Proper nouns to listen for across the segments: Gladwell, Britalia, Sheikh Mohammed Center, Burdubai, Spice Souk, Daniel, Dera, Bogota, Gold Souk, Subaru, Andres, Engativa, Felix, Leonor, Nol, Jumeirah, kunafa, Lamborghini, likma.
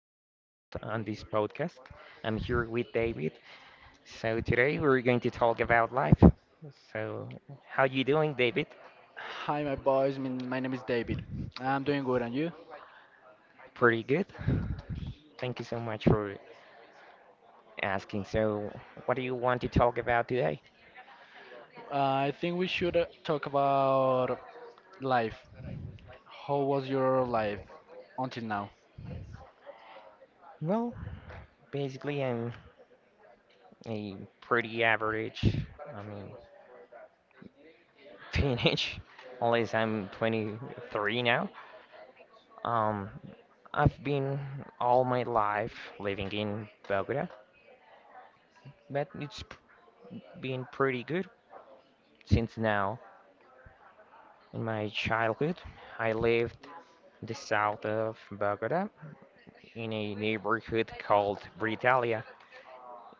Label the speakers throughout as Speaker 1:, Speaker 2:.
Speaker 1: the host on this podcast. I'm here with David. So today we're going to talk about life. So how you doing, David?
Speaker 2: Hi, my boys. My name is David. I'm doing good, and you?
Speaker 1: Pretty good. Thank you so much for asking. So what do you want to talk about today?
Speaker 2: I think we should talk about life. How was your life until now?
Speaker 1: Well, basically I'm a pretty average, I mean, teenage, unless I'm 23 now. Um, I've been all my life living in Bogota, but it's been pretty good since now. In my childhood, I lived in the south of Bogota in a neighborhood called Britalia.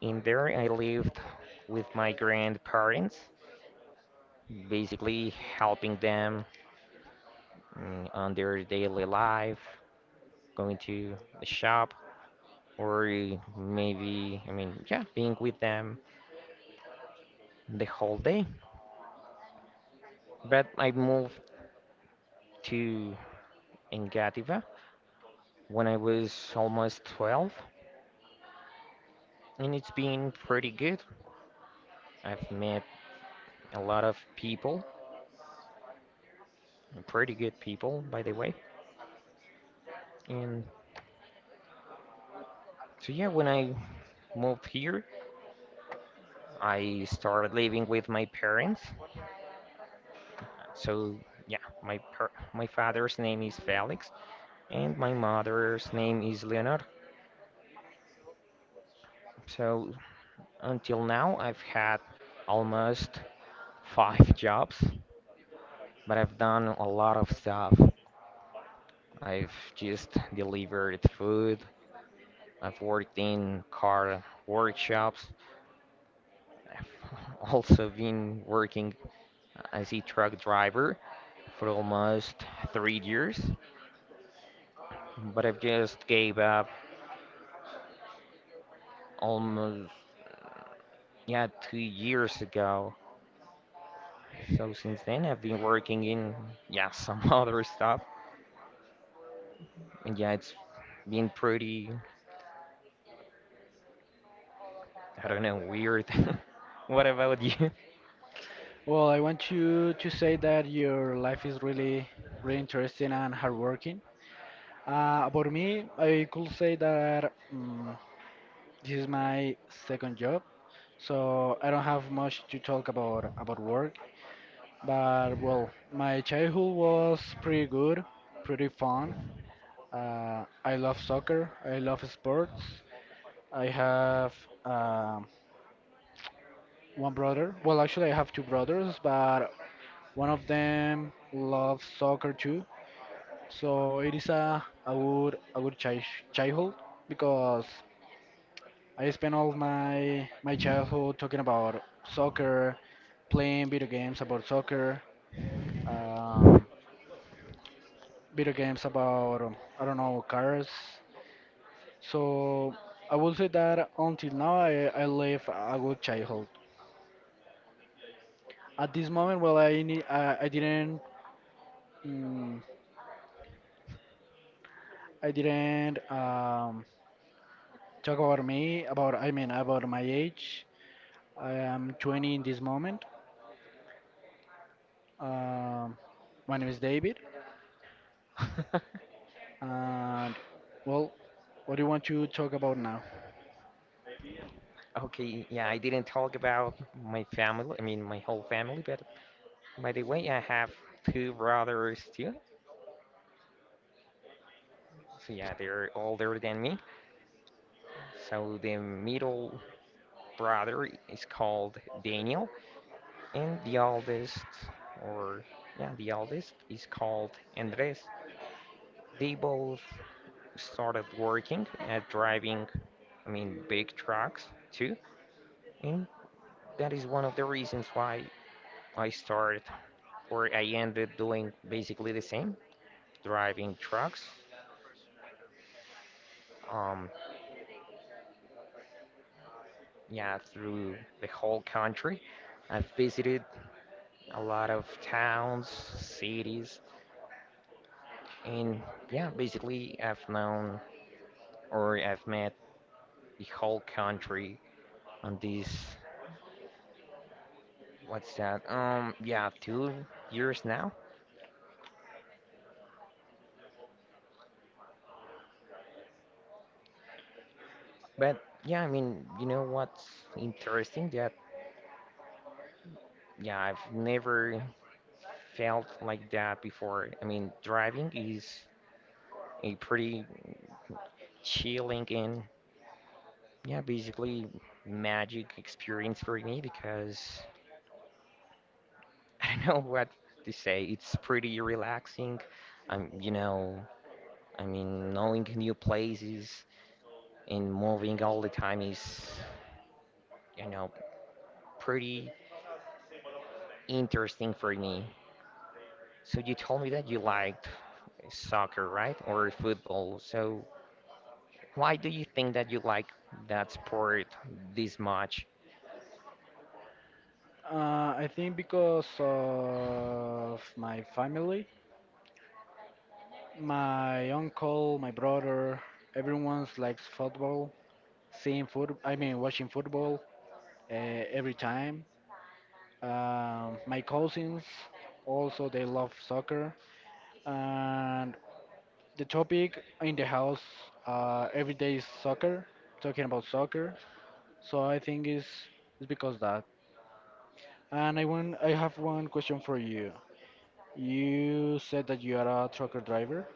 Speaker 1: In there, I lived with my grandparents, basically helping them on their daily life, going to the shop, or maybe, yeah, being with them the whole day. But I moved to Engativa when I was almost 12, and it's been pretty good. I've met a lot of people, pretty good people, by the way. And so, yeah, when I moved here, I started living with my parents. So, yeah, my father's name is Felix, and my mother's name is Leonor. So, until now, I've had almost 5 jobs, but I've done a lot of stuff. I've just delivered food. I've worked in car workshops. I've also been working as a truck driver for almost 3 years, but I've just gave up almost yeah 2 years ago. So since then, I've been working in yeah some other stuff, and yeah, it's been pretty I don't know weird. What about you?
Speaker 2: Well, I want you to say that your life is really, really interesting and hardworking. About me, I could say that this is my second job, so I don't have much to talk about work. But well, my childhood was pretty good, pretty fun. I love soccer. I love sports. I have um, one brother. Well, actually, I have two brothers, but one of them loves soccer too. So it is a good childhood because I spent all my childhood talking about soccer, playing video games about soccer, um, video games about I don't know cars. So I will say that until now I live a good childhood. At this moment, well, I didn't mm, I didn't talk about me about about my age. I am 20 in this moment. Um, my name is David, and well, what do you want to talk about now?
Speaker 1: Okay, yeah, I didn't talk about my family, I mean my whole family. But by the way, I have two brothers too. So yeah, they're older than me. So the middle brother is called Daniel, and the oldest, or yeah, the oldest is called Andres. They both started working at driving, I mean, big trucks too, and that is one of the reasons why I started or I ended doing basically the same, driving trucks. Um, yeah, through the whole country. I've visited a lot of towns, cities, and yeah, basically I've known or I've met the whole country on these, what's that? Yeah, 2 years now. But yeah, I mean, you know what's interesting that yeah, I've never felt like that before. I mean, driving is a pretty chilling and yeah, basically magic experience for me because I don't know what to say. It's pretty relaxing. You know, I mean, knowing new places and moving all the time is, you know, pretty interesting for me. So you told me that you liked soccer, right? Or football. So why do you think that you like that sport this much?
Speaker 2: I think because of my family, my uncle, my brother, everyone likes football. Seeing foot. I mean, Watching football uh, every time. My cousins also they love soccer, and the topic in the house every day is soccer. Talking about soccer, so I think it's because that. And I have one question for you. You said that you are a trucker driver,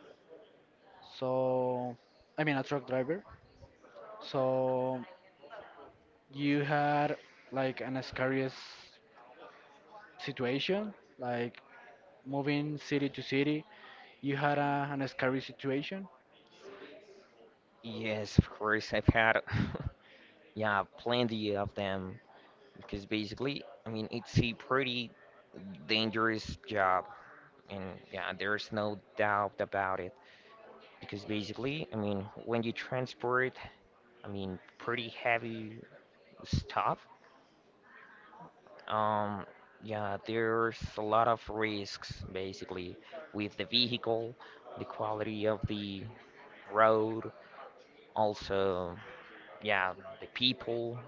Speaker 2: so I mean a truck driver. So you had like an scariest situation, like moving city to city, you had an scary situation?
Speaker 1: Yes, of course, I've had, yeah, plenty of them, because basically, I mean, it's a pretty dangerous job, and yeah, there's no doubt about it. Because basically, I mean, when you transport, I mean, pretty heavy stuff, um, yeah, there's a lot of risks basically with the vehicle, the quality of the road, also, yeah, the people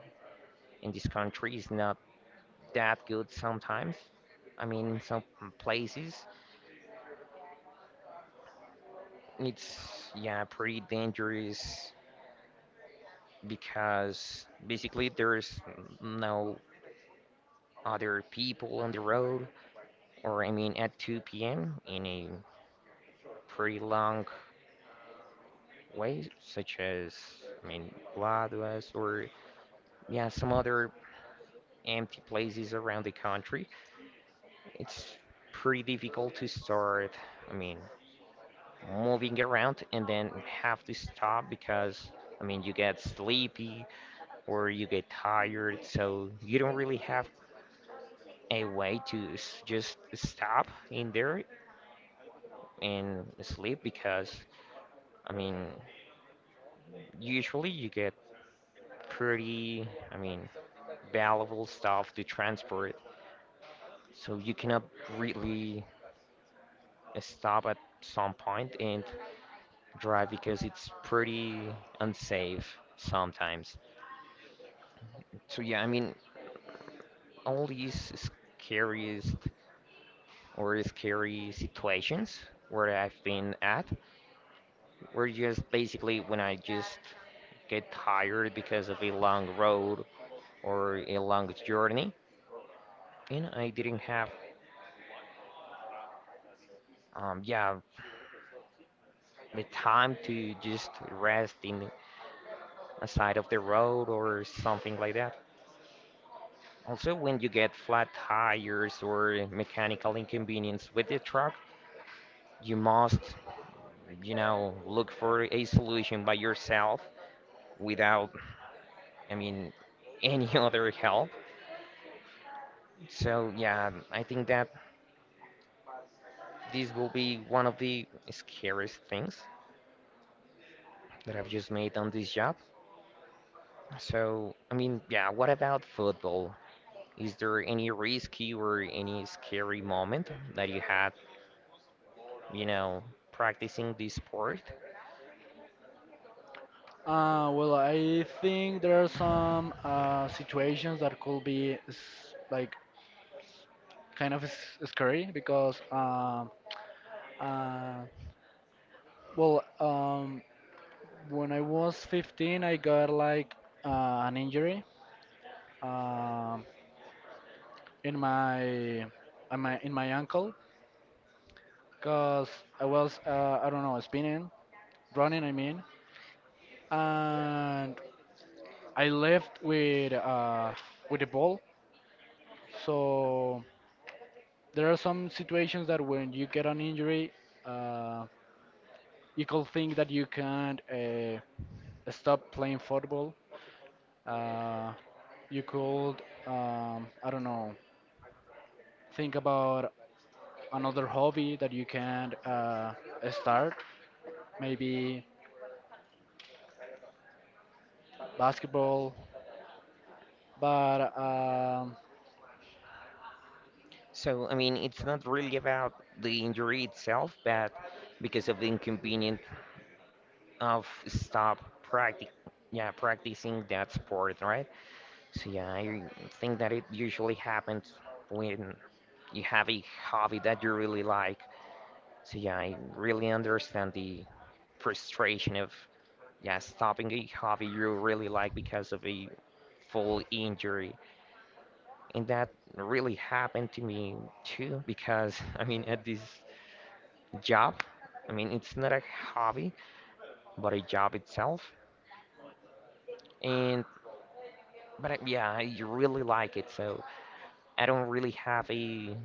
Speaker 1: in this country is not that good sometimes. I mean, in some places, it's yeah, pretty dangerous because basically there's no other people on the road, or I mean at 2 p.m. in a pretty long way, such as I mean Gladwell or yeah, some other empty places around the country. It's pretty difficult to start, I mean, moving around and then have to stop because I mean you get sleepy or you get tired, so you don't really have a way to just stop in there and sleep because, I mean, usually you get pretty, I mean, valuable stuff to transport, so you cannot really stop at some point and drive because it's pretty unsafe sometimes. So yeah, I mean, all these scariest or scary situations where I've been at were just basically when I just get tired because of a long road or a long journey, and I didn't have, yeah, the time to just rest in a side of the road or something like that. Also, when you get flat tires or mechanical inconvenience with the truck, you must, you know, look for a solution by yourself without, I mean, any other help. So yeah, I think that this will be one of the scariest things that I've just made on this job. So, I mean, yeah, what about football? Is there any risky or any scary moment that you had, you know, practicing this sport?
Speaker 2: Well, I think there are some situations that could be like kind of scary because, uh, well, um, when I was 15, I got like uh, an injury um, in my ankle because I was I don't know spinning, running, I mean, and. I left with the ball. So there are some situations that when you get an injury, uh, you could think that you can't stop playing football. Uh, you could, I don't know, think about another hobby that you can start, maybe basketball. But
Speaker 1: So, I mean, it's not really about the injury itself, but because of the inconvenience of stop practic yeah, practicing that sport, right? So yeah, I think that it usually happens when you have a hobby that you really like. So yeah, I really understand the frustration of yeah stopping a hobby you really like because of a full injury. And that really happened to me too because I mean at this job, I mean it's not a hobby but a job itself. And but I, yeah, I really like it, so I don't really have a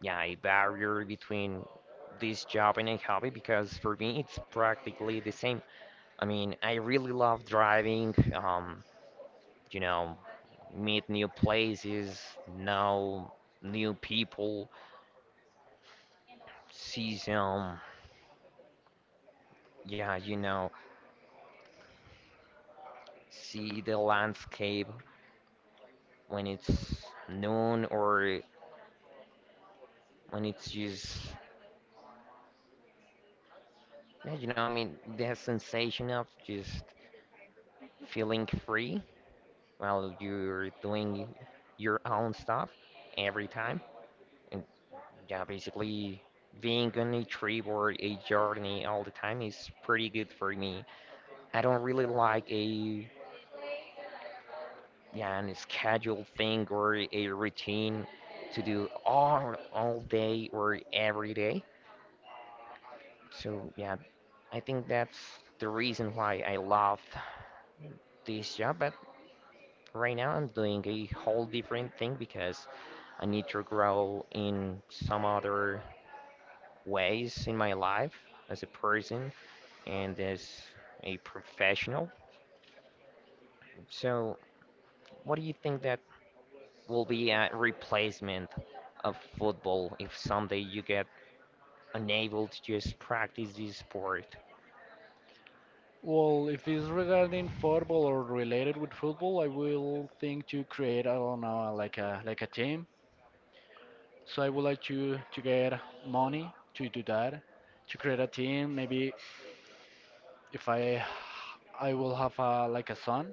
Speaker 1: yeah, a barrier between this job and a hobby because for me it's practically the same. I mean, I really love driving, you know, meet new places, know new people, see some, yeah, you know, see the landscape when it's noon or when it's just, yeah, you know, I mean, the sensation of just feeling free. Well, you're doing your own stuff every time. And yeah, basically being on a trip or a journey all the time is pretty good for me. I don't really like a yeah, an scheduled thing or a routine to do all day or every day. So yeah, I think that's the reason why I love this job, but right now, I'm doing a whole different thing because I need to grow in some other ways in my life as a person and as a professional. So, what do you think that will be a replacement of football if someday you get unable to just practice this sport?
Speaker 2: well, if it's regarding football or related with football, I will think to create, I don't know, like a team. So I would like to get money to do that, to create a team. Maybe if I I will have a like a son.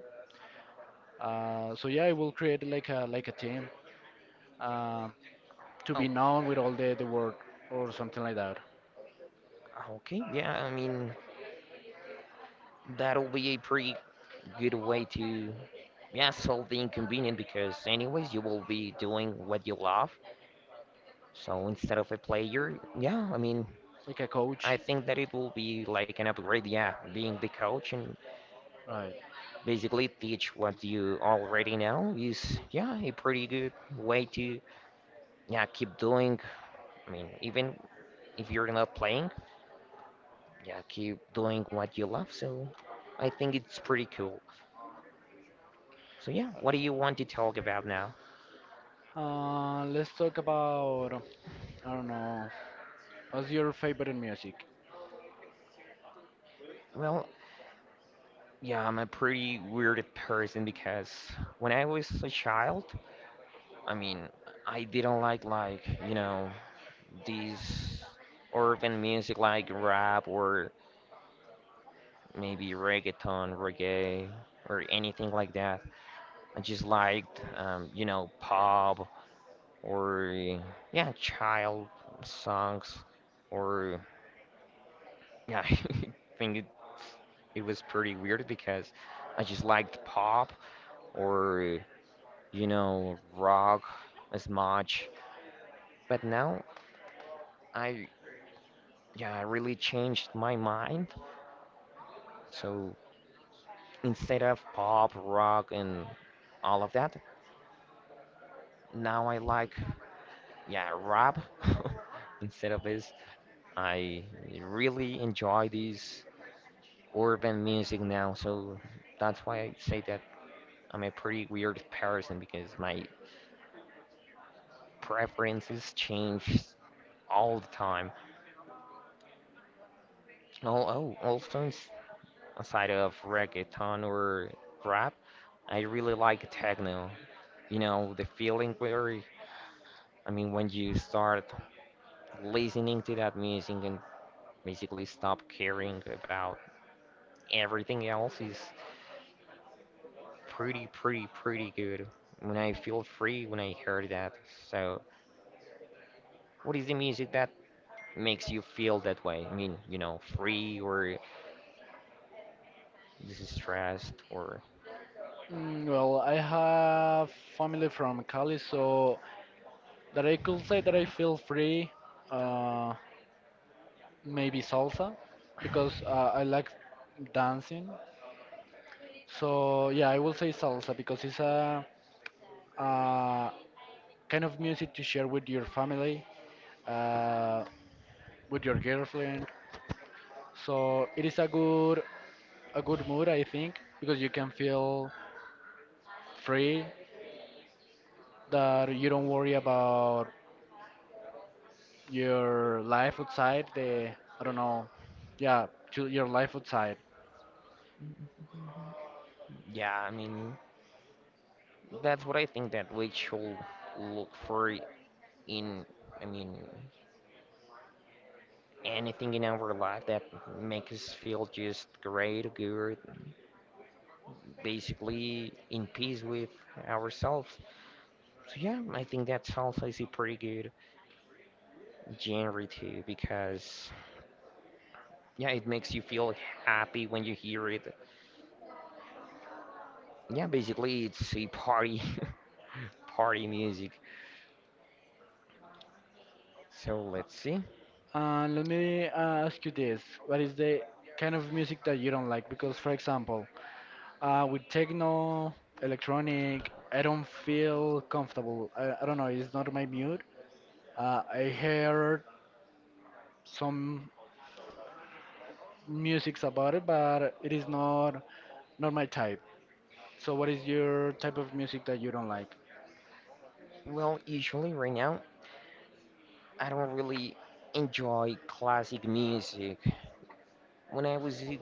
Speaker 2: So yeah, I will create like a team uh, to
Speaker 1: Oh,
Speaker 2: be known with all the world or something like that,
Speaker 1: okay, yeah, I mean, that'll be a pretty good way to yeah, solve the inconvenience because anyways you will be doing what you love. So instead of a player, yeah, I mean,
Speaker 2: like a
Speaker 1: I
Speaker 2: coach.
Speaker 1: think that it will be like an upgrade, yeah, being the coach and
Speaker 2: Right.
Speaker 1: basically teach what you already know is, yeah, a pretty good way to, yeah, keep doing. I mean, even if you're not playing, yeah, keep doing what you love. So I think it's pretty cool. So yeah, what do you want to talk about now?
Speaker 2: Let's talk about I don't know. What's your favorite music?
Speaker 1: Well, yeah, I'm a pretty weird person because when I was a child, I mean, I didn't like, you know, these urban music like rap or maybe reggaeton, reggae, or anything like that. I just liked, you know, pop or yeah, child songs or yeah. I think it was pretty weird because I just liked pop or you know rock as much. But now I yeah I really changed my mind. So instead of pop, rock, and all of that. Now I like, yeah, rap. Instead of this, I really enjoy this urban music now. So that's why I say that I'm a pretty weird person because my preferences change all the time. Oh, also aside of reggaeton or rap, I really like techno. You know, the feeling where I mean, when you start listening to that music and basically stop caring about everything else is pretty, pretty, pretty good. When I feel free when I heard that. So, what is the music that makes you feel that way? I mean, you know, free or distressed or
Speaker 2: Mm, well, I have family from Cali, so that I could say that I feel free. Uh, maybe salsa, because I like dancing. So yeah, I will say salsa because it's a, uh kind of music to share with your family, uh, with your girlfriend. So it is a good mood, I think, because you can feel free that you don't worry about your life outside the I don't know, yeah, to your life outside.
Speaker 1: yeah, I mean, that's what I think that we should look for in I mean, anything in our life that makes us feel just great, good, basically in peace with ourselves. So yeah, I think that's also is a pretty good genre too because yeah, it makes you feel happy when you hear it. Yeah, basically it's a party party music. So let's see.
Speaker 2: Let me ask you this: what is the kind of music that you don't like? Because, for example, with techno, electronic, I don't feel comfortable. I don't know; it's not my mood. I heard some musics about it, but it is not my type. So, what is your type of music that you don't like?
Speaker 1: Well, usually right now I don't really enjoy classic music. When I was a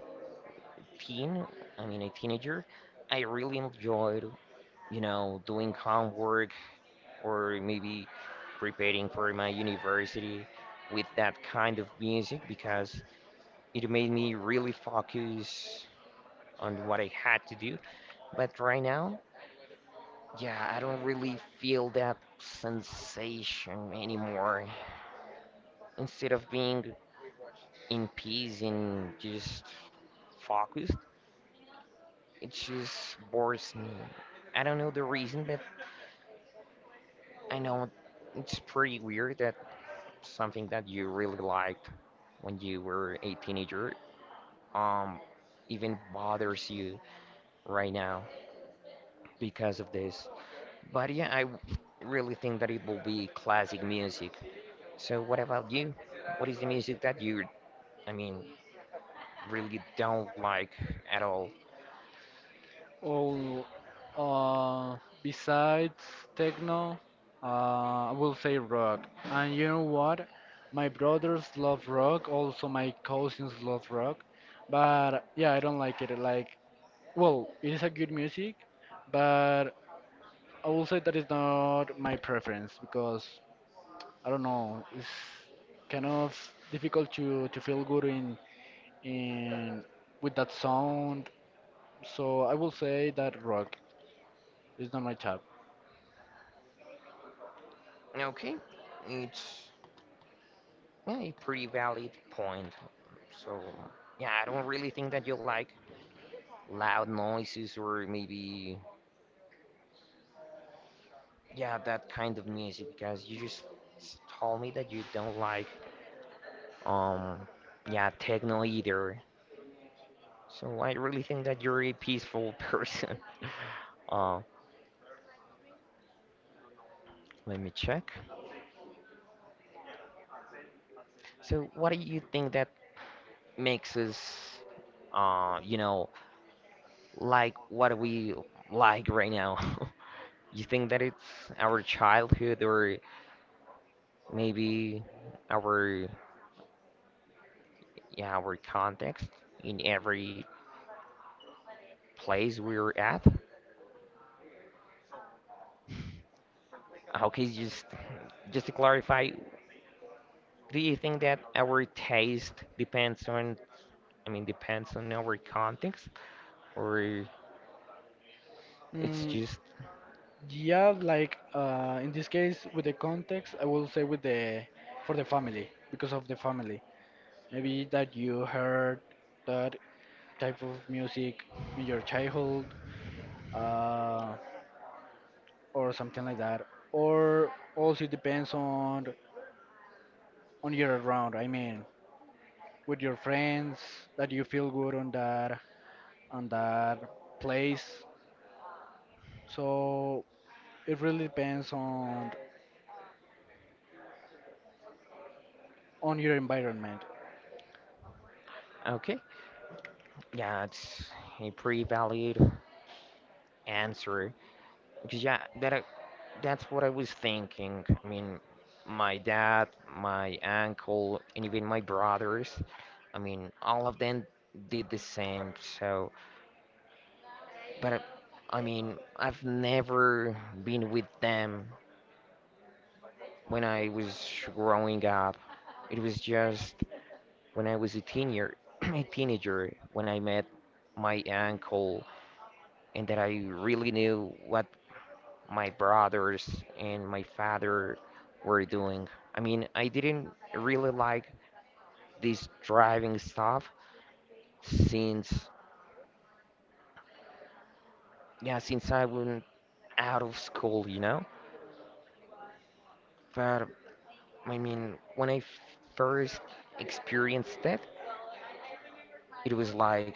Speaker 1: teen, I mean a teenager, I really enjoyed, you know, doing homework or maybe preparing for my university with that kind of music because it made me really focus on what I had to do. But right now, yeah, I don't really feel that sensation anymore. Instead of being in peace and just focused, it just bores me. I don't know the reason, but I know it's pretty weird that something that you really liked when you were a teenager um even bothers you right now because of this. But yeah, really think that it will be classic music. So what about you? What is the music that you I mean really don't like at all?
Speaker 2: Oh, uh, besides techno, I will say rock. And you know what? My brothers love rock, also my cousins love rock. But yeah, I don't like it. Like, well, it is a good music, but I will say that is not my preference because I don't know, it's kind of difficult to feel good in with that sound. So I will say that rock is not my...
Speaker 1: Okay. It's yeah, a pretty valid point. So yeah, I don't really think that you like loud noises, or maybe yeah, that kind of music, because you just told me that you don't like um yeah, techno either. So I really think that you're a peaceful person. Uh, let me check. So what do you think that makes us uh, you know, like what we like right now? You think that it's our childhood, or maybe our yeah, our context in every place we're at? Okay, just to clarify, do you think that our taste depends on, I mean, depends on our context, or it's
Speaker 2: Mm,
Speaker 1: just
Speaker 2: yeah, like in this case, with the context, I will say with the for the family because of the family. Maybe that you heard that type of music in your childhood, uh, or something like that. Or also it depends on your around. I mean, with your friends that you feel good on that place. So it really depends on your environment.
Speaker 1: okay? Yeah, it's a pretty valid answer, because yeah, that's what I was thinking. I mean, my dad, my uncle, and even my brothers. I mean, all of them did the same. So, but I mean, I've never been with them when I was growing up. It was just when I was a teenager, a teenager when I met my uncle, and that I really knew what my brothers and my father were doing. I mean, I didn't really like this driving stuff since, yeah, since I went out of school, you know? But I mean, when I first experienced it, it was like,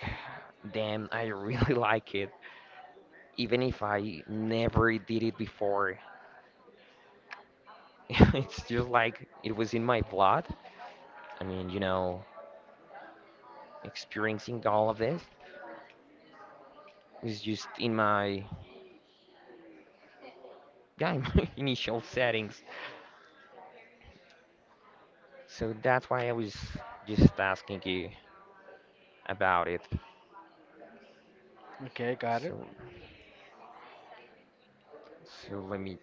Speaker 1: damn, I really like it. Even if I never did it before. It's just like it was in my blood. I mean, you know, experiencing all of this is just in my yeah, in my initial settings. So that's why I was just asking you about it.
Speaker 2: Okay, got it.
Speaker 1: So let me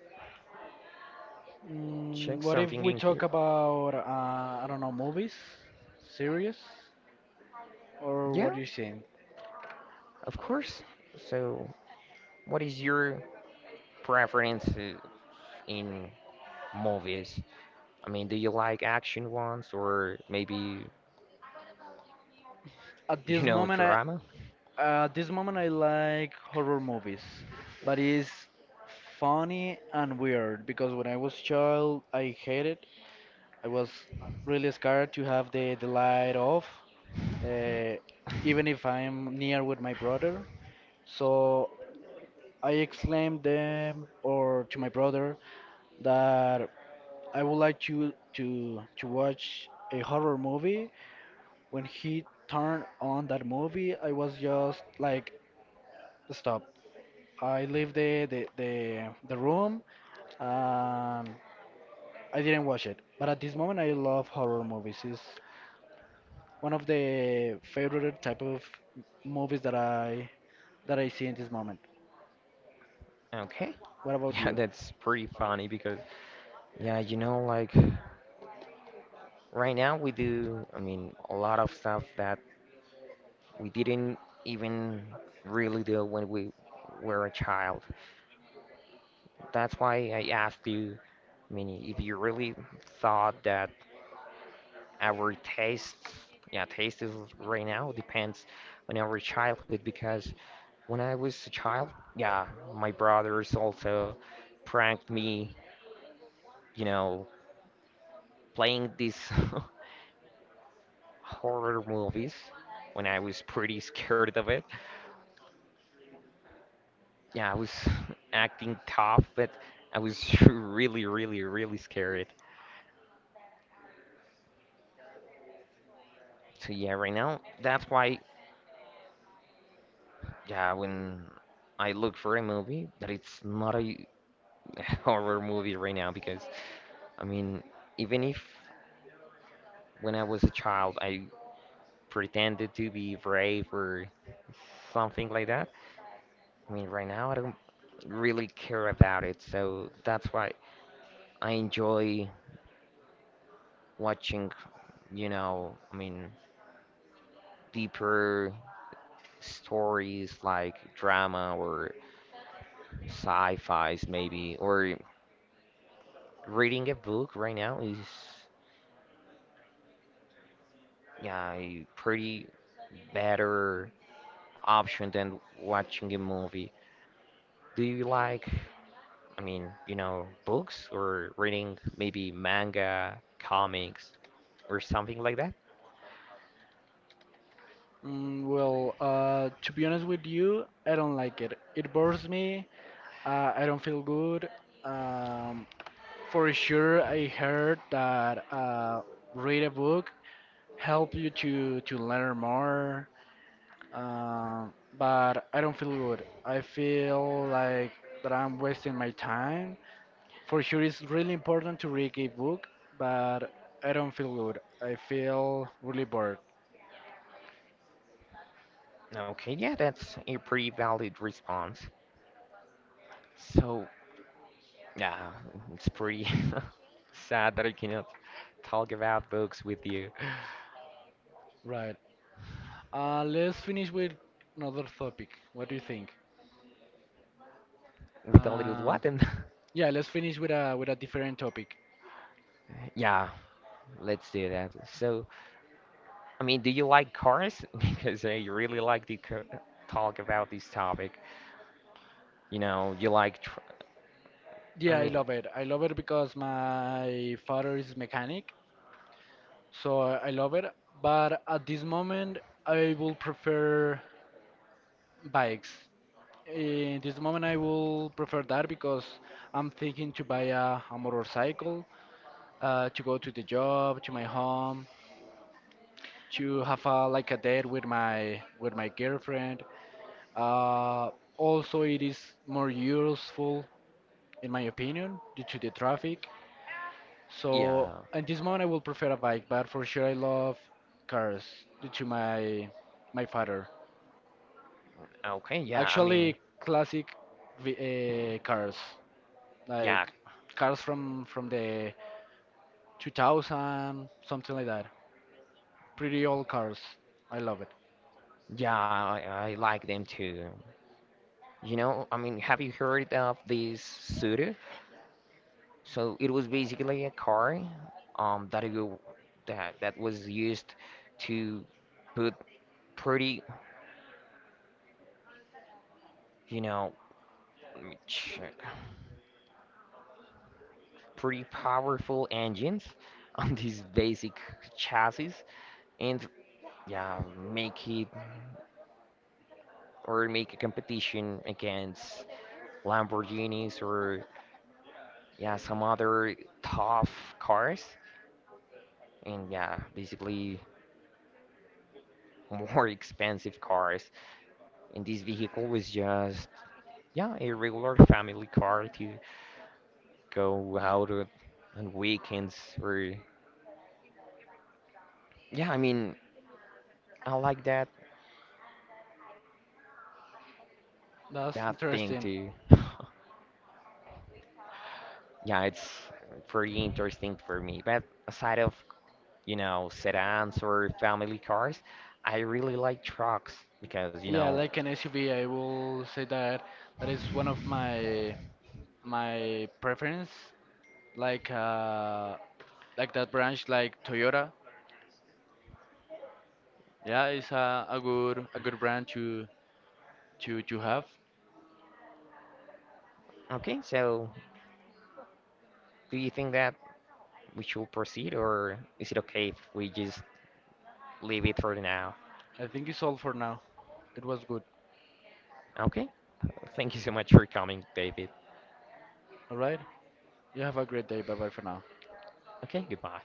Speaker 2: Mm,
Speaker 1: check
Speaker 2: what if
Speaker 1: something
Speaker 2: we
Speaker 1: in
Speaker 2: talk
Speaker 1: here.
Speaker 2: about I don't know movies, series, or what
Speaker 1: Yeah,
Speaker 2: do you think?
Speaker 1: of course. So what is your preference in movies? I mean, do you like action ones, or maybe
Speaker 2: At
Speaker 1: you
Speaker 2: this
Speaker 1: know
Speaker 2: moment, I
Speaker 1: drama?
Speaker 2: at this moment I like horror movies, but it's funny and weird because when I was child I hated it. I was really scared to have the light off, uh, even if I'm near with my brother. So I exclaimed them or to my brother that I would like you to watch a horror movie. When he turned on that movie, I was just like, stop. I leave the room. Um, I didn't watch it. But at this moment, I love horror movies. It's one of the favorite type of movies that I see in this moment.
Speaker 1: Okay.
Speaker 2: What about
Speaker 1: Yeah,
Speaker 2: you?
Speaker 1: that's pretty funny because, yeah, you know, like right now we do, I mean, a lot of stuff that we didn't even really do when we were a child. That's why I asked you, I mean, if you really thought that our tastes, yeah, taste is right now depends on our childhood, because when I was a child, yeah, my brothers also pranked me, you know, playing this. Horror movies when I was pretty scared of it. Yeah, I was acting tough, but I was really, really, really scared. So yeah, right now that's why yeah when I look for a movie that it's not a horror movie right now, because I mean even if when I was a child I pretended to be brave or something like that. I mean right now I don't really care about it, so that's why I enjoy watching, you know, I mean, deeper stories like drama or sci-fis maybe, or reading a book right now is, yeah, a pretty better option than watching a movie. Do you like, I mean, you know, books or reading maybe manga, comics, or something like that?
Speaker 2: Mm, well, to be honest with you, I don't like it. It bores me. I don't feel good. Um, For sure, I heard that read a book help you to learn more. But I don't feel good. I feel like that I'm wasting my time. For sure, it's really important to read a book, but I don't feel good. I feel really bored.
Speaker 1: Okay, yeah, that's a pretty valid response. So, yeah, it's pretty sad that I cannot talk about books with you
Speaker 2: Right. Let's finish with another topic. What do you think?
Speaker 1: with a little
Speaker 2: Uh,
Speaker 1: button.
Speaker 2: yeah, let's finish with a different topic.
Speaker 1: Yeah, let's do that. So, I mean, do you like cars? Because I really like to talk about this topic. You know, you like, tr I
Speaker 2: Yeah, I
Speaker 1: mean,
Speaker 2: love it. I love it because my father is mechanic, so I love it. But at this moment, I will prefer bikes. In this moment, I will prefer that because I'm thinking to buy a motorcycle to go to the job, to my home, to have like a date with my girlfriend. Uh, also, it is more useful, in my opinion, due to the traffic. So
Speaker 1: yeah,
Speaker 2: at this moment, I will prefer a bike, but for sure, I love cars due to my father.
Speaker 1: okay, yeah, I mean,
Speaker 2: Actually, classic cars, like
Speaker 1: yeah,
Speaker 2: cars from the 2000, something like that. Pretty old cars. I love it.
Speaker 1: yeah, I like them too. You know, I mean, have you heard of this Subaru? So it was basically a car that you that that was used to put pretty, you know, let me check, pretty powerful engines on these basic chassis, and yeah, make it or make a competition against Lamborghinis, or yeah some other tough cars, and yeah, basically more expensive cars. And this vehicle was just yeah, a regular family car to go out on weekends, or yeah, I mean, I like that
Speaker 2: That's
Speaker 1: that thing
Speaker 2: interesting.
Speaker 1: too. Yeah, it's pretty interesting for me. But aside of, you know, sedans or family cars, I really like trucks because, you
Speaker 2: Yeah,
Speaker 1: know,
Speaker 2: like an SUV, I will say that that is one of my preference. Like uh, like that branch, like Toyota. Yeah, it's a good brand to have.
Speaker 1: okay, so do you think that we should proceed, or is it okay if we just leave it for now?
Speaker 2: I think it's all for now. It was good.
Speaker 1: Okay, thank you so much for coming, David.
Speaker 2: All right. You have a great day. Bye bye for now.
Speaker 1: Okay, goodbye.